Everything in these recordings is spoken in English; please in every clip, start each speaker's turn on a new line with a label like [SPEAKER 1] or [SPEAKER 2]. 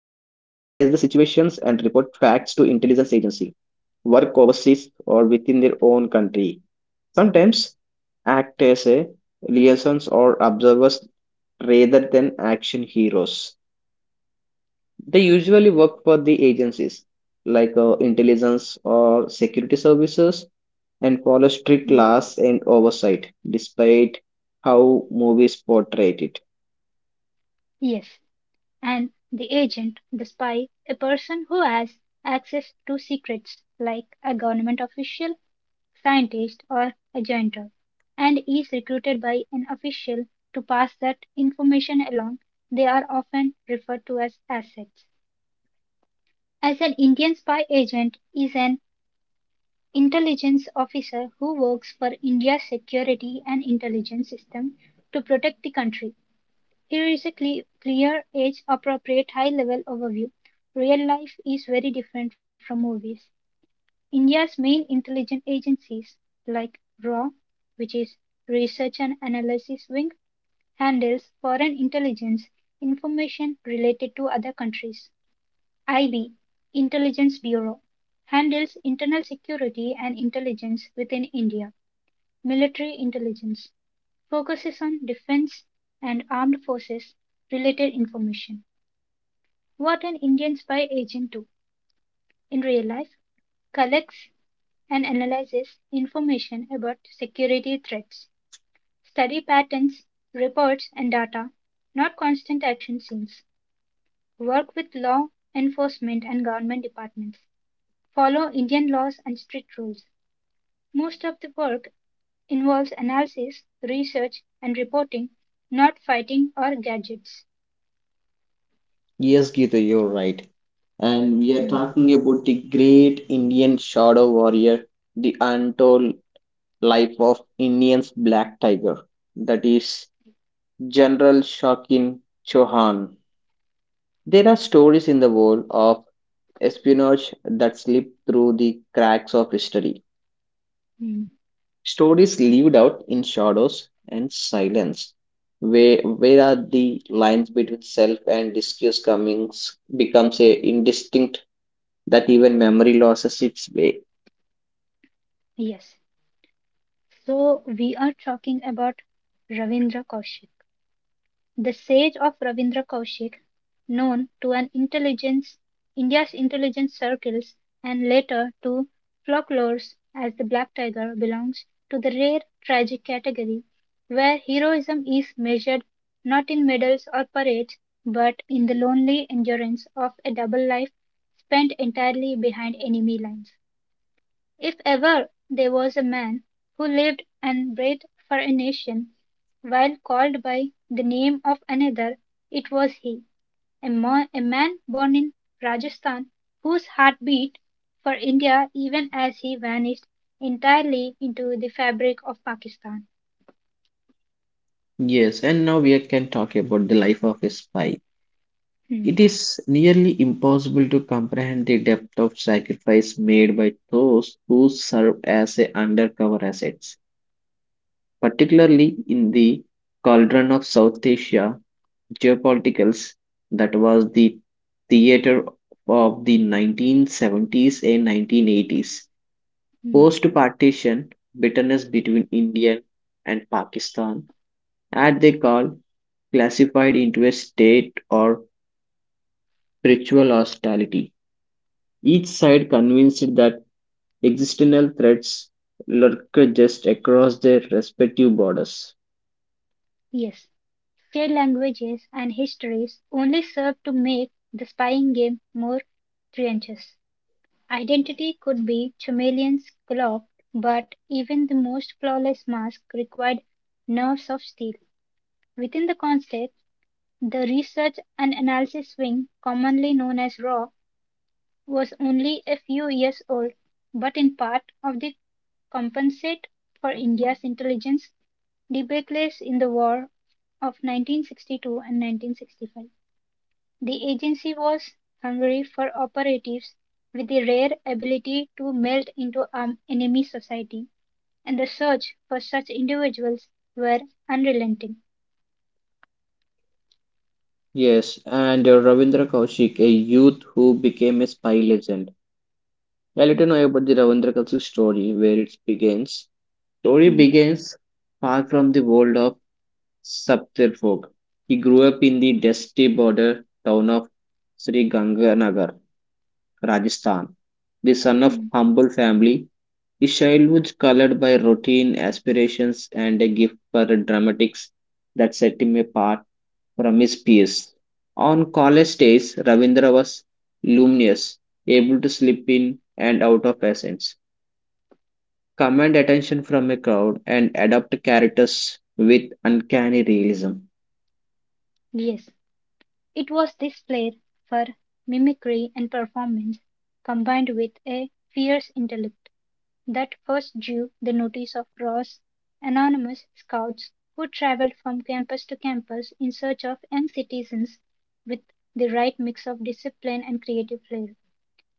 [SPEAKER 1] and report facts to intelligence agency, work overseas or within their own country. Sometimes act as a liaisons or observers rather than action heroes. They usually work for the agencies like intelligence or security services and follow strict
[SPEAKER 2] Hmm,
[SPEAKER 1] laws and oversight, despite how movies portray it.
[SPEAKER 2] Yes, and the agent, the spy, a person who has access to secrets like a government official, scientist or a janitor and is recruited by an official to pass that information along. They are often referred to as assets. As an Indian spy agent is an intelligence officer who works for India's security and intelligence system to protect the country. Here is a clear, age appropriate, high level overview. Real life is very different from movies. India's main intelligence agencies, like RAW, which is Research and Analysis Wing, handles foreign intelligence information related to other countries. IB (Intelligence Bureau) handles internal security and intelligence within India. Military Intelligence focuses on defense and armed forces related information. What an Indian spy agent do in real life collects and analyzes information about security threats, study patterns, reports and data, not constant action scenes. Work with law enforcement and government departments. Follow Indian laws and strict rules. Most of the work involves analysis, research, and reporting, not fighting or gadgets.
[SPEAKER 1] Yes, Gita, you're right. And we are
[SPEAKER 2] Hmm,
[SPEAKER 1] talking about the great Indian shadow warrior, the untold life of Indian's black tiger, that is General Shakin Chauhan. There are stories in the world of espionage that slip through the cracks of history.
[SPEAKER 2] hmm.
[SPEAKER 1] Stories lived out in shadows and silence. Where are the lines between self and disguise comings becomes a indistinct that even memory loses its way.
[SPEAKER 2] Yes. So we are talking about Ravindra Kaushal. The sage of Ravindra Kaushik, known to an intelligence India's intelligence circles and later to folklores as the black tiger belongs to the rare tragic category where heroism is measured not in medals or parades but in the lonely endurance of a double life spent entirely behind enemy lines. If ever there was a man who lived and breathed for a nation, while called by the name of another, it was he, a man born in Rajasthan, whose heart beat for India even as he vanished entirely into the fabric of Pakistan.
[SPEAKER 1] Yes, and now we can talk about the life of a spy.
[SPEAKER 2] Hmm,
[SPEAKER 1] It is nearly impossible to comprehend the depth of sacrifice made by those who serve as a undercover assets, particularly in the cauldron of South Asia geopolitics that was the theater of the 1970s and 1980s.
[SPEAKER 2] hmm.
[SPEAKER 1] Post partition, bitterness between India and Pakistan as they call, classified into a state or ritual hostility. Each side convinced that existential threats lurk just across their respective borders.
[SPEAKER 2] Yes, shared languages and histories only serve to make the spying game more trenches. Identity could be Chameleon's cloak, but even the most flawless mask required nerves of steel. Within the concept, the research and analysis wing, commonly known as RAW, was only a few years old, but in part of the compensate for India's intelligence debacles in the war of 1962 and 1965. The agency was hungry for operatives with the rare ability to melt into an enemy society, and the search for such individuals were unrelenting.
[SPEAKER 1] Yes, and Ravindra Kaushik, a youth who became a spy legend.
[SPEAKER 2] Mm,
[SPEAKER 1] Yeah, let me know about the Ravindra Kaushik story, where it begins. Story
[SPEAKER 2] mm,
[SPEAKER 1] begins far from the world of Saptarfog. He grew up in the dusty border town of Sri Ganganagar, Rajasthan. The son of
[SPEAKER 2] mm.
[SPEAKER 1] humble family, his childhood colored by routine aspirations and a gift for dramatics that set him apart from his peers. On college days, Ravindra was luminous, able to slip in and out of accents, command attention from a crowd, and adopt characters with uncanny realism.
[SPEAKER 2] Yes, it was this flair for mimicry and performance combined with a fierce intellect that first drew the notice of Ross' anonymous scouts who traveled from campus to campus in search of young citizens with the right mix of discipline and creative flair.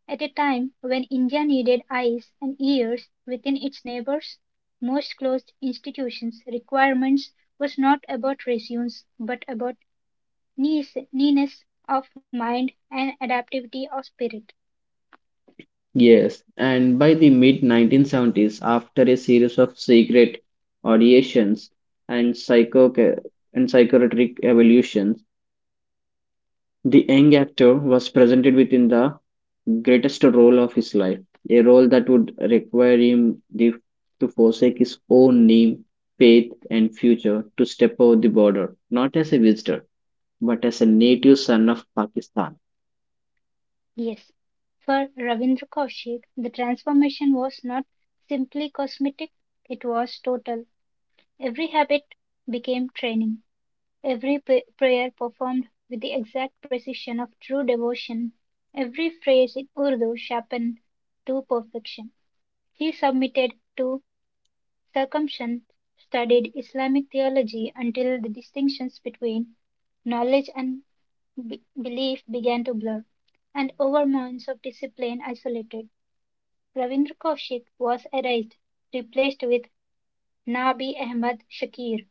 [SPEAKER 2] At a time when India needed eyes and ears within its neighbors, most closed institutions' requirements was not about resumes but about neatness of mind and adaptability of spirit.
[SPEAKER 1] Yes, and by the mid 1970s, after a series of secret auditions and psycho and psychiatric evolutions, the young actor was presented within the greatest role of his life, a role that would require him to forsake his own name, faith, and future to step over the border, not as a visitor, but as a native son of Pakistan.
[SPEAKER 2] Yes, for Ravindra Kaushik, the transformation was not simply cosmetic, it was total. Every habit became training, every prayer performed with the exact precision of true devotion, every phrase in Urdu sharpened to perfection. He submitted to circumcision, studied Islamic theology until the distinctions between knowledge and belief began to blur, and over months of discipline isolated. Ravindra Kaushik was erased, replaced with Nabi Ahmed Shakir.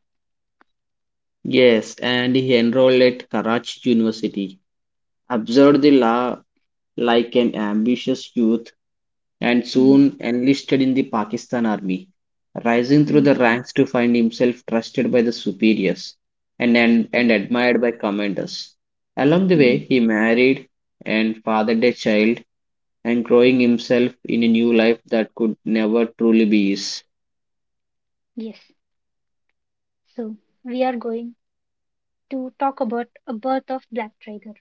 [SPEAKER 1] Yes, and he enrolled at Karachi University, observed the law like an ambitious youth and
[SPEAKER 2] Hmm,
[SPEAKER 1] soon enlisted in the Pakistan Army, rising through
[SPEAKER 2] hmm,
[SPEAKER 1] the ranks to find himself trusted by the superiors and
[SPEAKER 2] yes,
[SPEAKER 1] admired by commanders. Along the way,
[SPEAKER 2] hmm,
[SPEAKER 1] he married and fathered a child and growing himself in a new life that could never truly be his.
[SPEAKER 2] yes. So, we are going to talk about a birth of Black Tiger.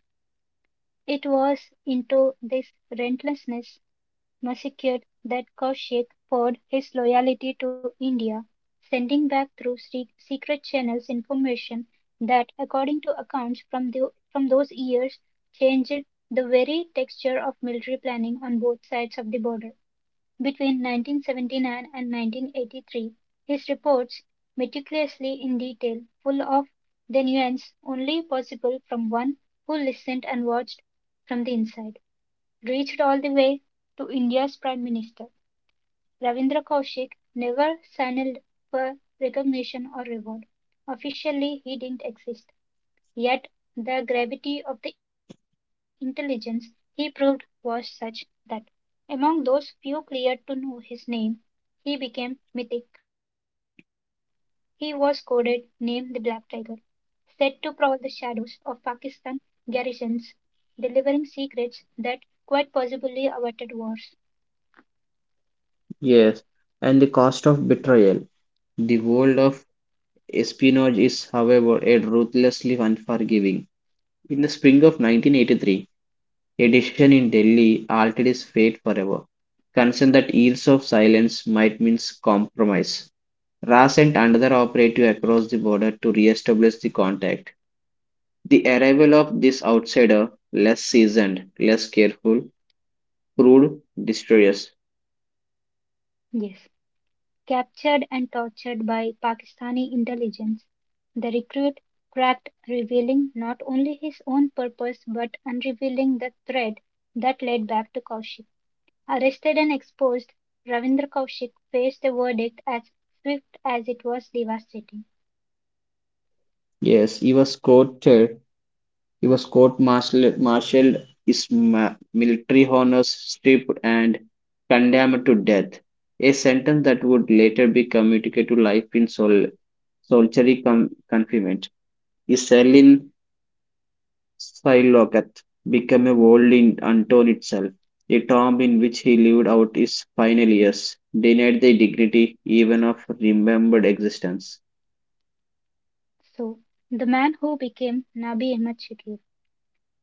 [SPEAKER 2] It was into this relentlessness massacred that Kaushik poured his loyalty to India, sending back through secret channels information that, according to accounts from, from those years, changed the very texture of military planning on both sides of the border. Between 1979 and 1983, his reports, meticulously in detail, full of the nuance only possible from one who listened and watched from the inside, reached all the way to India's Prime Minister. Ravindra Kaushik never signaled for recognition or reward. Officially, he didn't exist. Yet, the gravity of the intelligence he proved was such that, among those few cleared to know his name, he became mythic. He was coded, named the Black Tiger, said to prowl the shadows of Pakistan garrisons, delivering secrets that quite possibly averted wars.
[SPEAKER 1] Yes, and the cost of betrayal. The world of espionage is, however, a ruthlessly unforgiving. In the spring of 1983, a decision in Delhi altered his fate forever. Concerned that years of silence might mean compromise, Ra sent another operative across the border to re-establish the contact. The arrival of this outsider, less seasoned, less careful, proved disastrous.
[SPEAKER 2] Yes, captured and tortured by Pakistani intelligence, the recruit cracked revealing not only his own purpose but unrevealing the thread that led back to Kaushik. Arrested and exposed, Ravindra Kaushik faced a verdict as swift as it was devastating.
[SPEAKER 1] Yes, he was court-martialed, his military honors stripped, and condemned to death, a sentence that would later be commuted to life in solitary confinement. His cell in Silocath became a world unto itself. The tomb in which he lived out his final years, denied the dignity even of remembered existence.
[SPEAKER 2] So, the man who became Nabi Ahmed Shakir.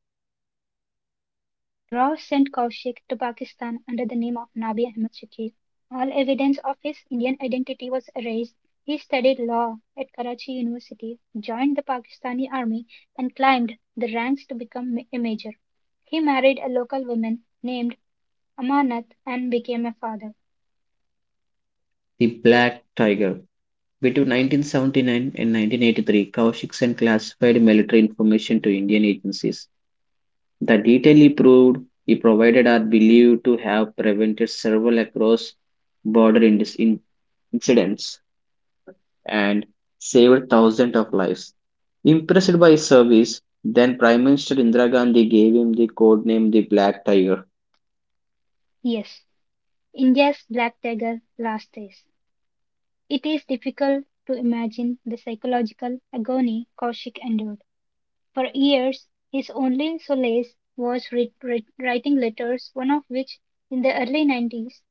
[SPEAKER 2] Rao sent Kaushik to Pakistan under the name of Nabi Ahmad Shakir. All evidence of his Indian identity was erased. He studied law at Karachi University, joined the Pakistani army, and climbed the ranks to become a major. He married a local woman named Amanat and became a father.
[SPEAKER 1] The Black Tiger. Between 1979 and 1983, Kaushik sent classified military information to Indian agencies. The detail he provided are believed to have prevented several across border incidents and saved thousands of lives. Impressed by his service, then Prime Minister Indira Gandhi gave him the code name the Black Tiger,
[SPEAKER 2] Yes, India's Black Tiger Last Days. It is difficult to imagine the psychological agony Kaushik endured. For years, his only solace was writing letters, one of which, in the early 90s,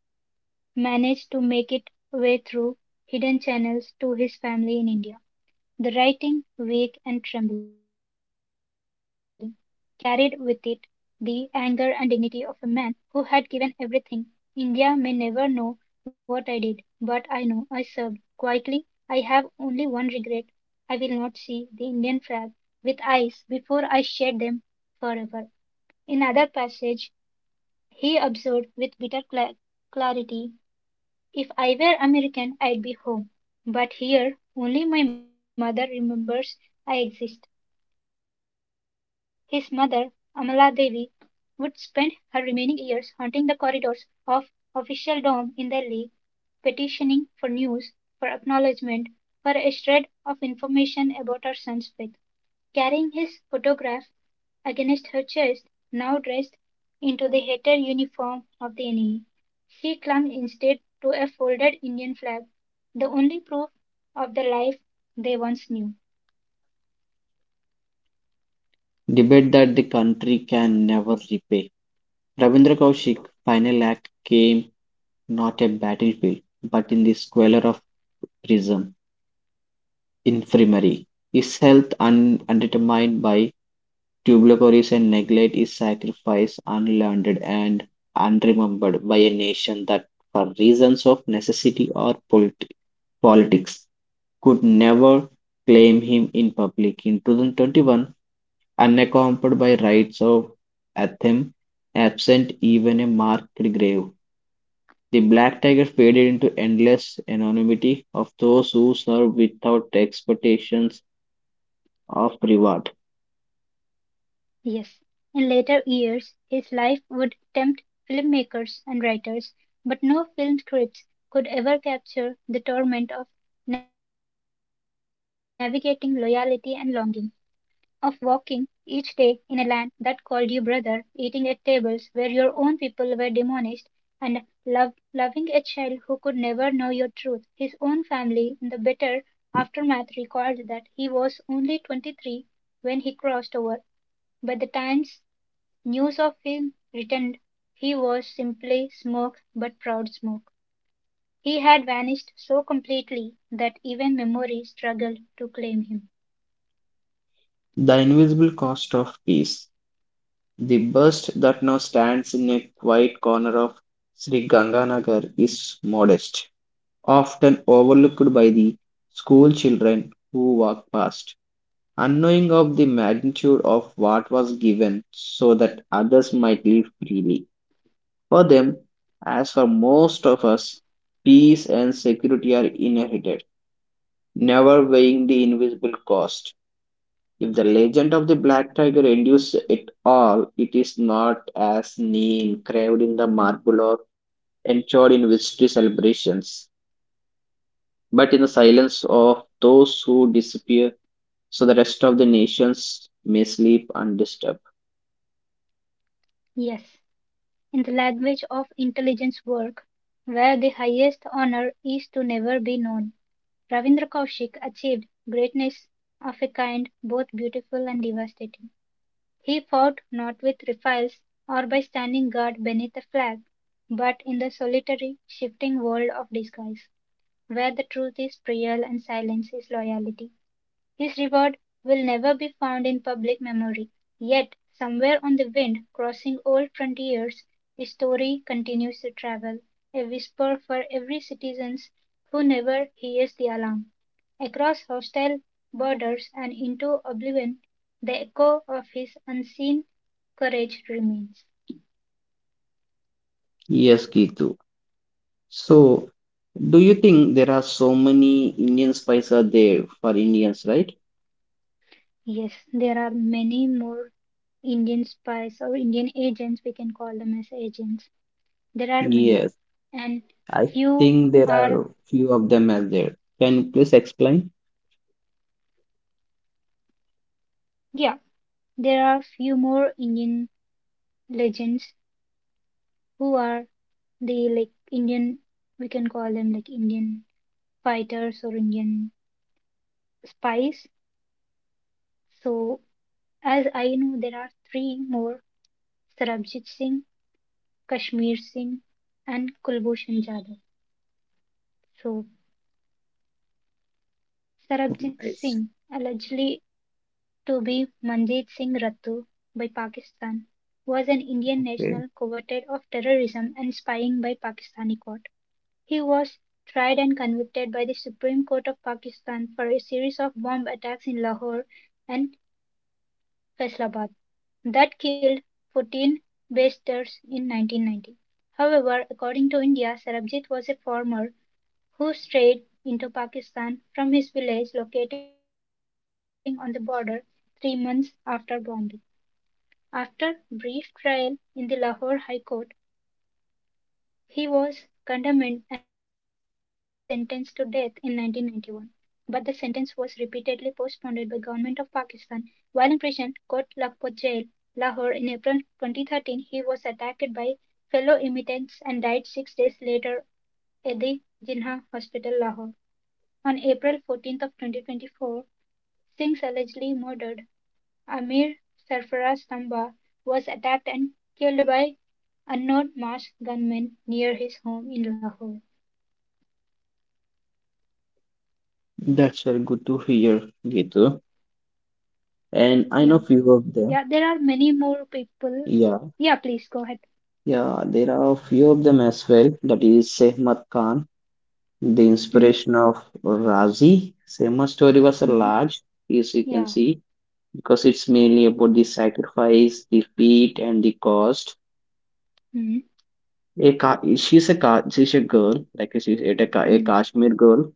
[SPEAKER 2] managed to make its way through hidden channels to his family in India. The writing, vague and trembling, carried with it the anger and dignity of a man who had given everything. India may never know what I did, but I know I served quietly. I have only one regret I will not see the Indian flag with eyes before I shed them forever. In another passage he observed with bitter clarity, if I were American, I'd be home. But here only my mother remembers I exist. His mother, Amala Devi, would spend her remaining years haunting the corridors of officialdom in Delhi, petitioning for news, for acknowledgement, for a shred of information about her son's fate. Carrying his photograph against her chest, now dressed into the hated uniform of the enemy, she clung instead to a folded Indian flag, the only proof of the life they once knew.
[SPEAKER 1] debate that the country can never repay. Rabindra Kaushik's final act came not at battlefield, but in the squalor of prison, infirmary. His health undetermined by tuberculosis and neglect, his sacrifice unlearned and unremembered by a nation that, for reasons of necessity or politics could never claim him in public. In 2021, unaccompanied by rites of anthem, absent even a marked grave, the black tiger faded into endless anonymity of those who serve without expectations of reward.
[SPEAKER 2] Yes. In later years, his life would tempt filmmakers and writers, but no film scripts could ever capture the torment of navigating loyalty and longing, of walking each day in a land that called you brother, eating at tables where your own people were demonished, and love, loving a child who could never know your truth. His own family, in the bitter aftermath, recalled that he was only 23 when he crossed over. By the times news of him returned, he was simply Smoke, but proud Smoke. He had vanished so completely that even memory struggled to claim him.
[SPEAKER 1] The invisible cost of peace. The bust that now stands in a quiet corner of Sri Ganganagar is modest, often overlooked by the school children who walked past, unknowing of the magnitude of what was given so that others might live freely. For them, as for most of us, peace and security are inherited, never weighing the invisible cost. If the legend of the black tiger endures it all, it is not as name carved in the marble or enshrined in victory celebrations, but in the silence of those who disappear, so the rest of the nations may sleep undisturbed.
[SPEAKER 2] Yes, in the language of intelligence work, where the highest honor is to never be known, Ravindra Kaushik achieved greatness of a kind both beautiful and devastating. He fought not with rifles or by standing guard beneath a flag, but in the solitary, shifting world of disguise, where the truth is trivial and silence is loyalty. His reward will never be found in public memory. Yet, somewhere on the wind, crossing old frontiers, his story continues to travel, a whisper for every citizen who never hears the alarm. Across hostile borders and into oblivion, the echo of his unseen courage remains.
[SPEAKER 1] Yes, Gitu. So, do you think there are so many Indian spies are there for Indians, right?
[SPEAKER 2] Yes, there are many more Indian spies or Indian agents, we can call them as agents. There are many,
[SPEAKER 1] Yes,
[SPEAKER 2] and
[SPEAKER 1] I
[SPEAKER 2] few
[SPEAKER 1] think there
[SPEAKER 2] are
[SPEAKER 1] are few of them as there. Can you please explain?
[SPEAKER 2] yeah, there are few more Indian legends who are the like Indian we can call them like Indian fighters or Indian spies. So as I know there are three more Sarabjit Singh, Kashmir Singh and Kulbhushan Jadhav. So
[SPEAKER 1] Oh,
[SPEAKER 2] Sarabjit
[SPEAKER 1] nice.
[SPEAKER 2] Singh allegedly to be Manjeet Singh Rattu by Pakistan was an Indian
[SPEAKER 1] Okay.
[SPEAKER 2] national convicted of terrorism and spying by Pakistani court. He was tried and convicted by the Supreme Court of Pakistan for a series of bomb attacks in Lahore and Faisalabad that killed 14 Baisters in 1990. However, according to India, Sarabjit was a farmer who strayed into Pakistan from his village locating on the border 3 months after bombing. After brief trial in the Lahore High Court, he was condemned and sentenced to death in 1991, but the sentence was repeatedly postponed by Government of Pakistan. While in prison, Court Lakhpat Jail, Lahore, in April 2013, he was attacked by fellow inmates and died 6 days later at the Jinnah Hospital, Lahore. On April 14th of 2024, Singh allegedly murdered Amir Sarfaraz Tamba was attacked and killed by unknown masked gunmen near his home in Lahore.
[SPEAKER 1] That's very good to hear, Gitu.
[SPEAKER 2] Yeah.
[SPEAKER 1] And I
[SPEAKER 2] Yeah,
[SPEAKER 1] know
[SPEAKER 2] there are
[SPEAKER 1] few of
[SPEAKER 2] many
[SPEAKER 1] them.
[SPEAKER 2] more people. Yeah, please
[SPEAKER 1] Yeah,
[SPEAKER 2] go ahead.
[SPEAKER 1] yeah, there are few of them as well. That is Sehmat Khan. The
[SPEAKER 2] Mm,
[SPEAKER 1] inspiration of Razi, Sema story was a
[SPEAKER 2] mm,
[SPEAKER 1] large, as you
[SPEAKER 2] yeah.
[SPEAKER 1] can see, because it's mainly about the sacrifice, the feat, and the cost.
[SPEAKER 2] Mm,
[SPEAKER 1] She's a girl, like a
[SPEAKER 2] mm,
[SPEAKER 1] Kashmir girl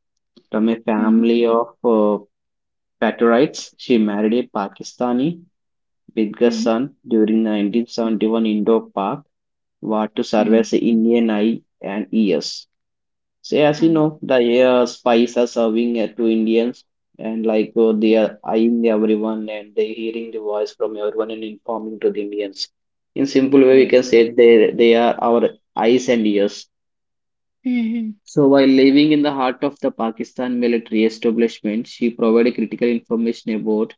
[SPEAKER 1] from a
[SPEAKER 2] mm,
[SPEAKER 1] family of Paturites. She married a Pakistani Bidga
[SPEAKER 2] mm,
[SPEAKER 1] son during
[SPEAKER 2] mm,
[SPEAKER 1] 1971 Indo-Pak war to serve
[SPEAKER 2] mm,
[SPEAKER 1] as an Indian eye and ears. So as you
[SPEAKER 2] huh.
[SPEAKER 1] know, the spies are serving it to Indians, and like they
[SPEAKER 2] Yeah.
[SPEAKER 1] are eyeing everyone, and they hearing the voice from everyone and informing to the Indians. In simple way, we can
[SPEAKER 2] Yes.
[SPEAKER 1] say they are our eyes and ears.
[SPEAKER 2] Mm, mm,
[SPEAKER 1] So while living in the heart of the Pakistan military establishment, she provided critical information about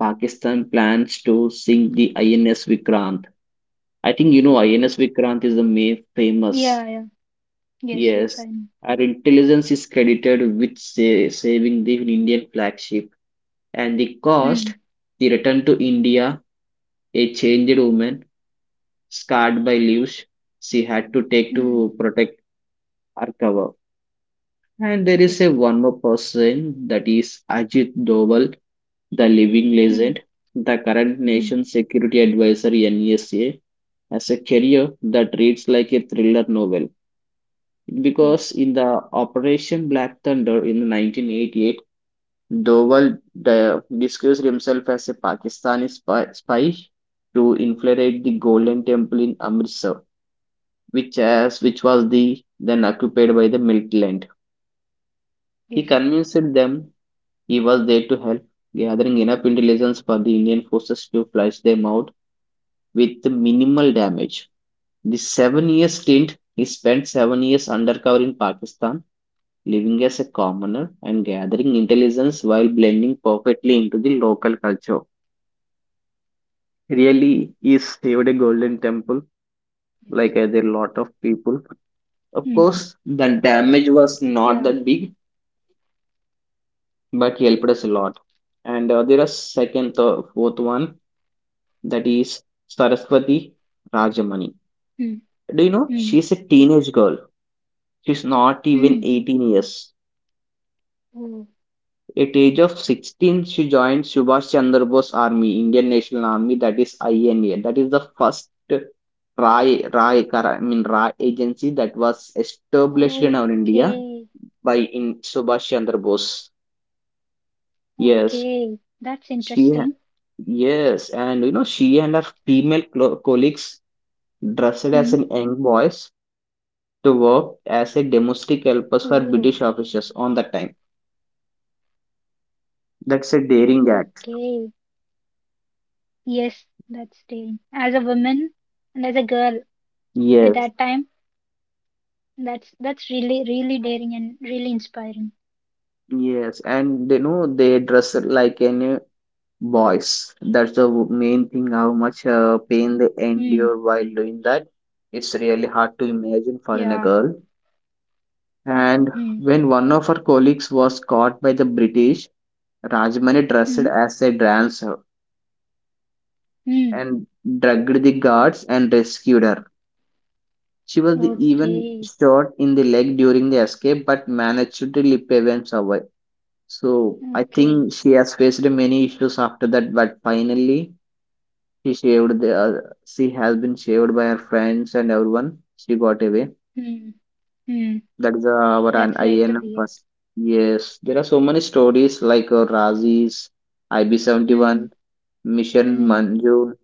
[SPEAKER 1] Pakistan plans to sink the INS Vikrant. I think you know
[SPEAKER 2] yeah.
[SPEAKER 1] INS Vikrant is the main famous.
[SPEAKER 2] Yeah, yeah. Yes, yes,
[SPEAKER 1] Yes,
[SPEAKER 2] I know.
[SPEAKER 1] our intelligence is credited with saving the Indian flagship, and the cost,
[SPEAKER 2] Mm,
[SPEAKER 1] the return to India, a changed woman, scarred by leaves she had to take
[SPEAKER 2] mm,
[SPEAKER 1] to protect her cover. And there is
[SPEAKER 2] yes.
[SPEAKER 1] a one more person, that is Ajit Doval, the living
[SPEAKER 2] Mm,
[SPEAKER 1] legend, the current
[SPEAKER 2] mm,
[SPEAKER 1] nation security advisor NSA, as a career that reads like a thriller novel,
[SPEAKER 2] yes,
[SPEAKER 1] because in the Operation Black Thunder in 1988, Doval disguised himself as a Pakistani spy to infiltrate the Golden Temple in Amritsar, which, which was the then occupied by the Milkland. He
[SPEAKER 2] yes,
[SPEAKER 1] convinced them he was there to help, gathering enough intelligence for the Indian forces to flush them out with minimal damage. The 7-year stint, he spent 7 years undercover in Pakistan, living as a commoner and gathering intelligence while blending perfectly into the local culture. Really is saved a
[SPEAKER 2] yes.
[SPEAKER 1] golden temple, like there are a lot of
[SPEAKER 2] Mm,
[SPEAKER 1] people. Of course the
[SPEAKER 2] yeah.
[SPEAKER 1] damage was not that big, but helped us a lot. And there are second fourth one, that is Saraswati Rajamani.
[SPEAKER 2] Mm,
[SPEAKER 1] Do you know
[SPEAKER 2] mm,
[SPEAKER 1] she's a teenage girl, she's not even
[SPEAKER 2] mm,
[SPEAKER 1] 18 years.
[SPEAKER 2] Oh,
[SPEAKER 1] At age of 16, she joined Subhash Chandra Bose Army, Indian National Army, that is INA. That is the first IRAI, I mean RAI agency that was established in our India
[SPEAKER 2] okay,
[SPEAKER 1] by in Subhash Chandra Bose. Yes,
[SPEAKER 2] okay. That's
[SPEAKER 1] she,
[SPEAKER 2] interesting.
[SPEAKER 1] yes, and you know she and her female colleagues dressed as
[SPEAKER 2] Hmm.
[SPEAKER 1] an young boys to work
[SPEAKER 2] Oh,
[SPEAKER 1] as a domestic helpers for British officers on that time. That's a daring
[SPEAKER 2] okay.
[SPEAKER 1] act.
[SPEAKER 2] Yes, that's daring. As a woman and as a girl at that
[SPEAKER 1] Yes,
[SPEAKER 2] time, that's really really daring and really inspiring.
[SPEAKER 1] yes, and they know they dress like any boys. That's the main thing, how
[SPEAKER 2] Hmm.
[SPEAKER 1] much pain they endure while doing that. It's really hard to
[SPEAKER 2] Yeah.
[SPEAKER 1] imagine for a girl.
[SPEAKER 2] Hmm.
[SPEAKER 1] And when one of her colleagues was caught by the British, Rajmani
[SPEAKER 2] Hmm.
[SPEAKER 1] dressed as a dancer
[SPEAKER 2] Hmm.
[SPEAKER 1] and drugged the guards and rescued her. She was the even
[SPEAKER 2] Okay.
[SPEAKER 1] shot in the leg during the escape, but managed to slip away and survive. So I
[SPEAKER 2] Okay.
[SPEAKER 1] think she has faced many issues after that, but finally she shaved the she has been shaved by her friends and everyone. She got away.
[SPEAKER 2] Hmm. Hmm.
[SPEAKER 1] That is our an
[SPEAKER 2] That's great to
[SPEAKER 1] INM
[SPEAKER 2] hear.
[SPEAKER 1] first. Yes, there are so many stories like Razi's,
[SPEAKER 2] Hmm.
[SPEAKER 1] IB71, Mission
[SPEAKER 2] Hmm.
[SPEAKER 1] Manju,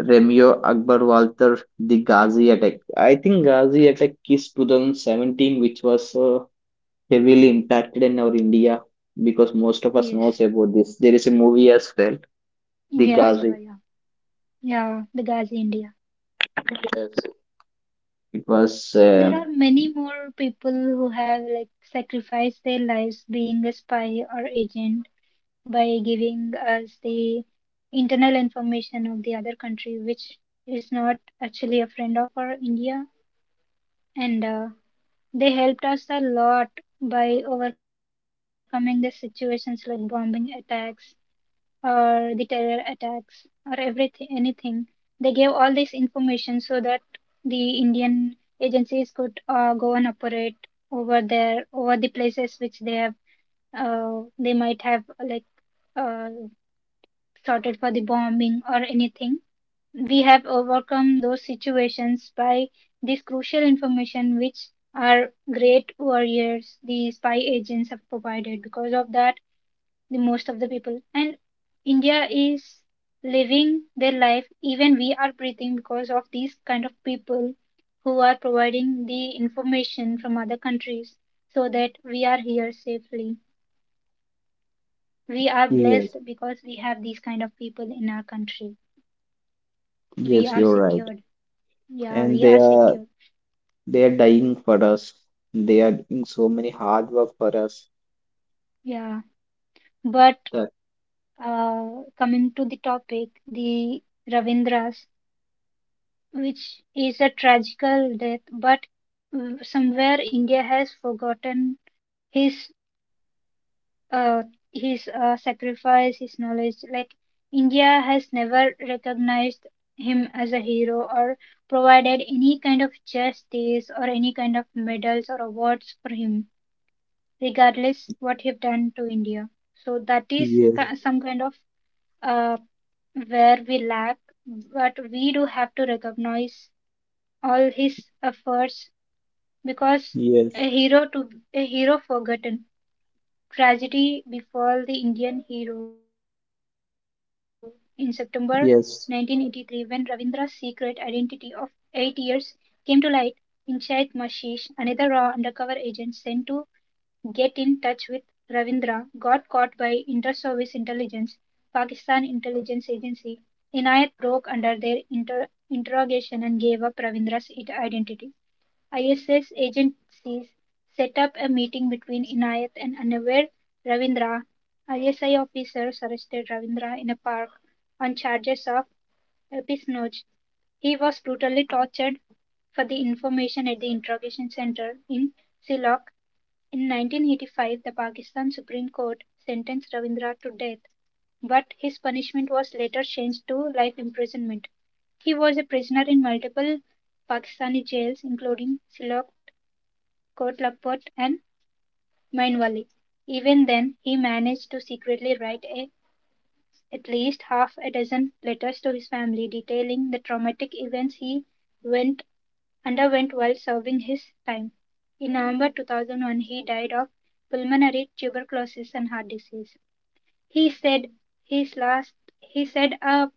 [SPEAKER 1] Remyo Akbar Walter, the Ghazi attack. I think Ghazi attack is 2017, which was heavily impacted in our India, because most of us
[SPEAKER 2] Yes.
[SPEAKER 1] knows about this. There is a movie as well. The
[SPEAKER 2] Yeah.
[SPEAKER 1] Ghazi.
[SPEAKER 2] Yeah. Yeah. Yeah. The Ghazi India.
[SPEAKER 1] Yes, it was.
[SPEAKER 2] There
[SPEAKER 1] Uh,
[SPEAKER 2] are many more people who have like sacrificed their lives being a spy or agent by giving us the internal information of the other country, which is not actually a friend of our India. And They helped us a lot by overcoming the situations like bombing attacks or the terror attacks or everything anything. They gave all this information so that the indian agencies could go and operate over there, over the places which they have they might have like uh, sorted for the bombing or anything. We have overcome those situations by this crucial information which our great warriors, the spy agents, have provided. Because of that, the most of the people. And India is living their life, even we are breathing because of these kind of people who are providing the information from other countries so that we are here safely. We are
[SPEAKER 1] yes,
[SPEAKER 2] blessed because we have these kind of people in our country. We
[SPEAKER 1] yes,
[SPEAKER 2] are
[SPEAKER 1] you're right.
[SPEAKER 2] secured. Yeah,
[SPEAKER 1] And
[SPEAKER 2] we
[SPEAKER 1] they
[SPEAKER 2] are
[SPEAKER 1] are
[SPEAKER 2] secured.
[SPEAKER 1] they are dying for us. They are doing so many hard work for us.
[SPEAKER 2] Yeah. But
[SPEAKER 1] That
[SPEAKER 2] coming to the topic, the Ravindras, which is a tragical death. But somewhere India has forgotten his uh, his sacrifice, his knowledge. Like India has never recognized him as a hero or provided any kind of justice or any kind of medals or awards for him, regardless what he done to India. So that is
[SPEAKER 1] yes,
[SPEAKER 2] some kind of uh, where we lack, but we do have to recognize all his efforts. Because
[SPEAKER 1] yes,
[SPEAKER 2] a hero to a hero forgotten, tragedy befall the Indian hero in September 1983 when Ravindra's
[SPEAKER 1] yes,
[SPEAKER 2] secret identity of 8 years came to light. Inchait Mashish, another raw undercover agent sent to get in touch with Ravindra, got caught by Inter-Service Intelligence, Pakistan Intelligence Agency. Inayat broke under their interrogation and gave up Ravindra's identity. ISS agencies set up a meeting between Inayat and unaware Ravindra. ISI officers arrested Ravindra in a park on charges of espionage. He was brutally tortured for the information at the interrogation center in Silok. In 1985, the Pakistan Supreme Court sentenced Ravindra to death, but his punishment was later changed to life imprisonment. He was a prisoner in multiple Pakistani jails, including Silok, Coatlacoot and Mainvali. Even then, he managed to secretly write a, at least half a dozen letters to his family detailing the traumatic events he went underwent while serving his time. In November 2001, he died of pulmonary tuberculosis and heart disease. He said his last, he said a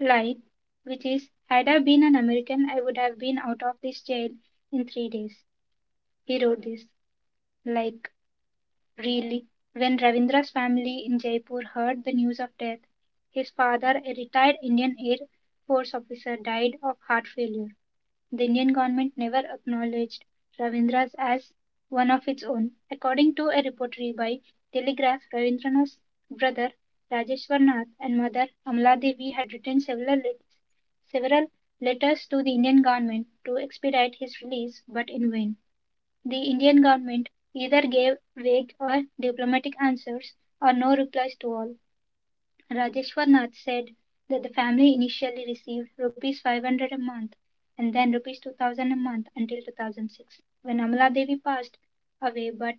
[SPEAKER 2] line, which is, had I been an American I would have been out of this jail in 3 days. He wrote this like. Really, when Ravindra's family in Jaipur heard the news of death, his father, a retired Indian Air Force officer, died of heart failure. The Indian government never acknowledged Ravindra's as one of its own. According to a reportry by Telegraph, Ravindranath's brother Rajeshwarnath and mother Amla Devi had written several letters to the Indian government to expedite his release, but in vain. The Indian government either gave vague or diplomatic answers or no replies to all. Rajeshwar Nath said that the family initially received rupees 500 a month and then rupees 2000 a month until 2006, when Amala Devi passed away, but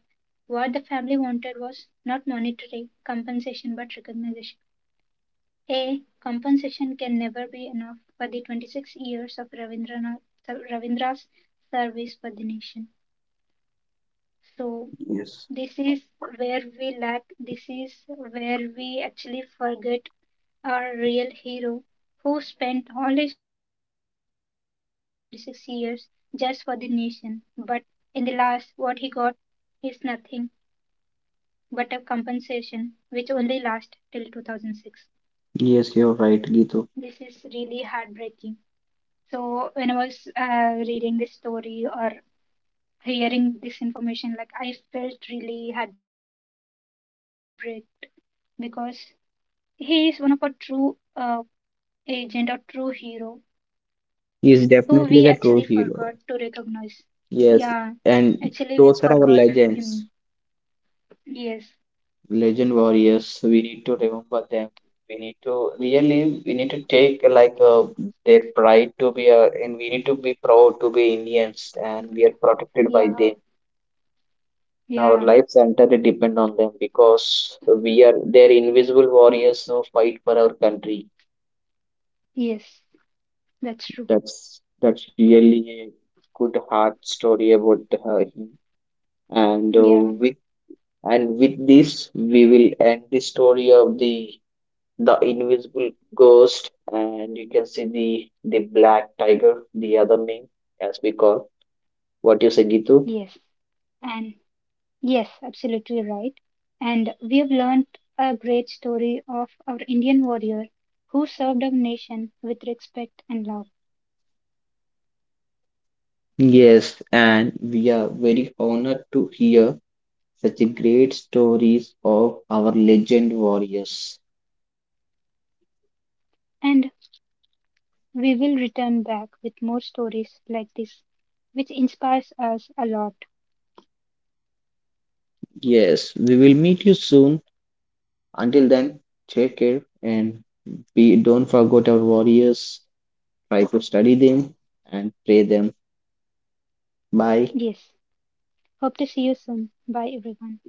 [SPEAKER 2] what the family wanted was not monetary compensation but recognition. A compensation can never be enough for the 26 years of Ravindra's service for the nation. So,
[SPEAKER 1] yes,
[SPEAKER 2] this is where we lack, this is where we actually forget our real hero who spent all his 26 years just for the nation. But in the last, what he got is nothing but a compensation which only lasts till 2006.
[SPEAKER 1] yes. You're right,
[SPEAKER 2] This is
[SPEAKER 1] Gitu.
[SPEAKER 2] really heartbreaking. So, when I was reading this story or hearing this information, like I felt really heartbreak because he is one of a true uh, agent, or true hero, who
[SPEAKER 1] He
[SPEAKER 2] we
[SPEAKER 1] is
[SPEAKER 2] actually
[SPEAKER 1] definitely the
[SPEAKER 2] forgot
[SPEAKER 1] true
[SPEAKER 2] to
[SPEAKER 1] hero.
[SPEAKER 2] recognize. Yeah,
[SPEAKER 1] Yes,
[SPEAKER 2] actually we
[SPEAKER 1] and
[SPEAKER 2] forgot
[SPEAKER 1] those are our
[SPEAKER 2] him.
[SPEAKER 1] legends.
[SPEAKER 2] Yes.
[SPEAKER 1] Legend warriors, we need to remember them. We need to really, we need to take like their pride to be, and we need to be proud to be Indians, and we are protected by
[SPEAKER 2] Yeah.
[SPEAKER 1] them. Our
[SPEAKER 2] Yeah.
[SPEAKER 1] lives entirely depend on them, because we are their invisible warriors who fight for our country.
[SPEAKER 2] Yes, that's true.
[SPEAKER 1] That's really a good heart story about him. And
[SPEAKER 2] Yeah.
[SPEAKER 1] with and with this we will end the story of the invisible ghost, and you can see the black tiger, the other name as we call. What you say, Gitu?
[SPEAKER 2] Yes. And yes, absolutely right. And we have learned a great story of our Indian warrior who served our nation with respect and love.
[SPEAKER 1] Yes, and we are very honored to hear such a great stories of our legend warriors.
[SPEAKER 2] And we will return back with more stories like this, which inspires us a lot.
[SPEAKER 1] Yes, we will meet you soon. Until then, take care, and be don't forget our warriors. Try to study them and pray them. Bye.
[SPEAKER 2] Yes. Hope to see you soon. Bye, everyone.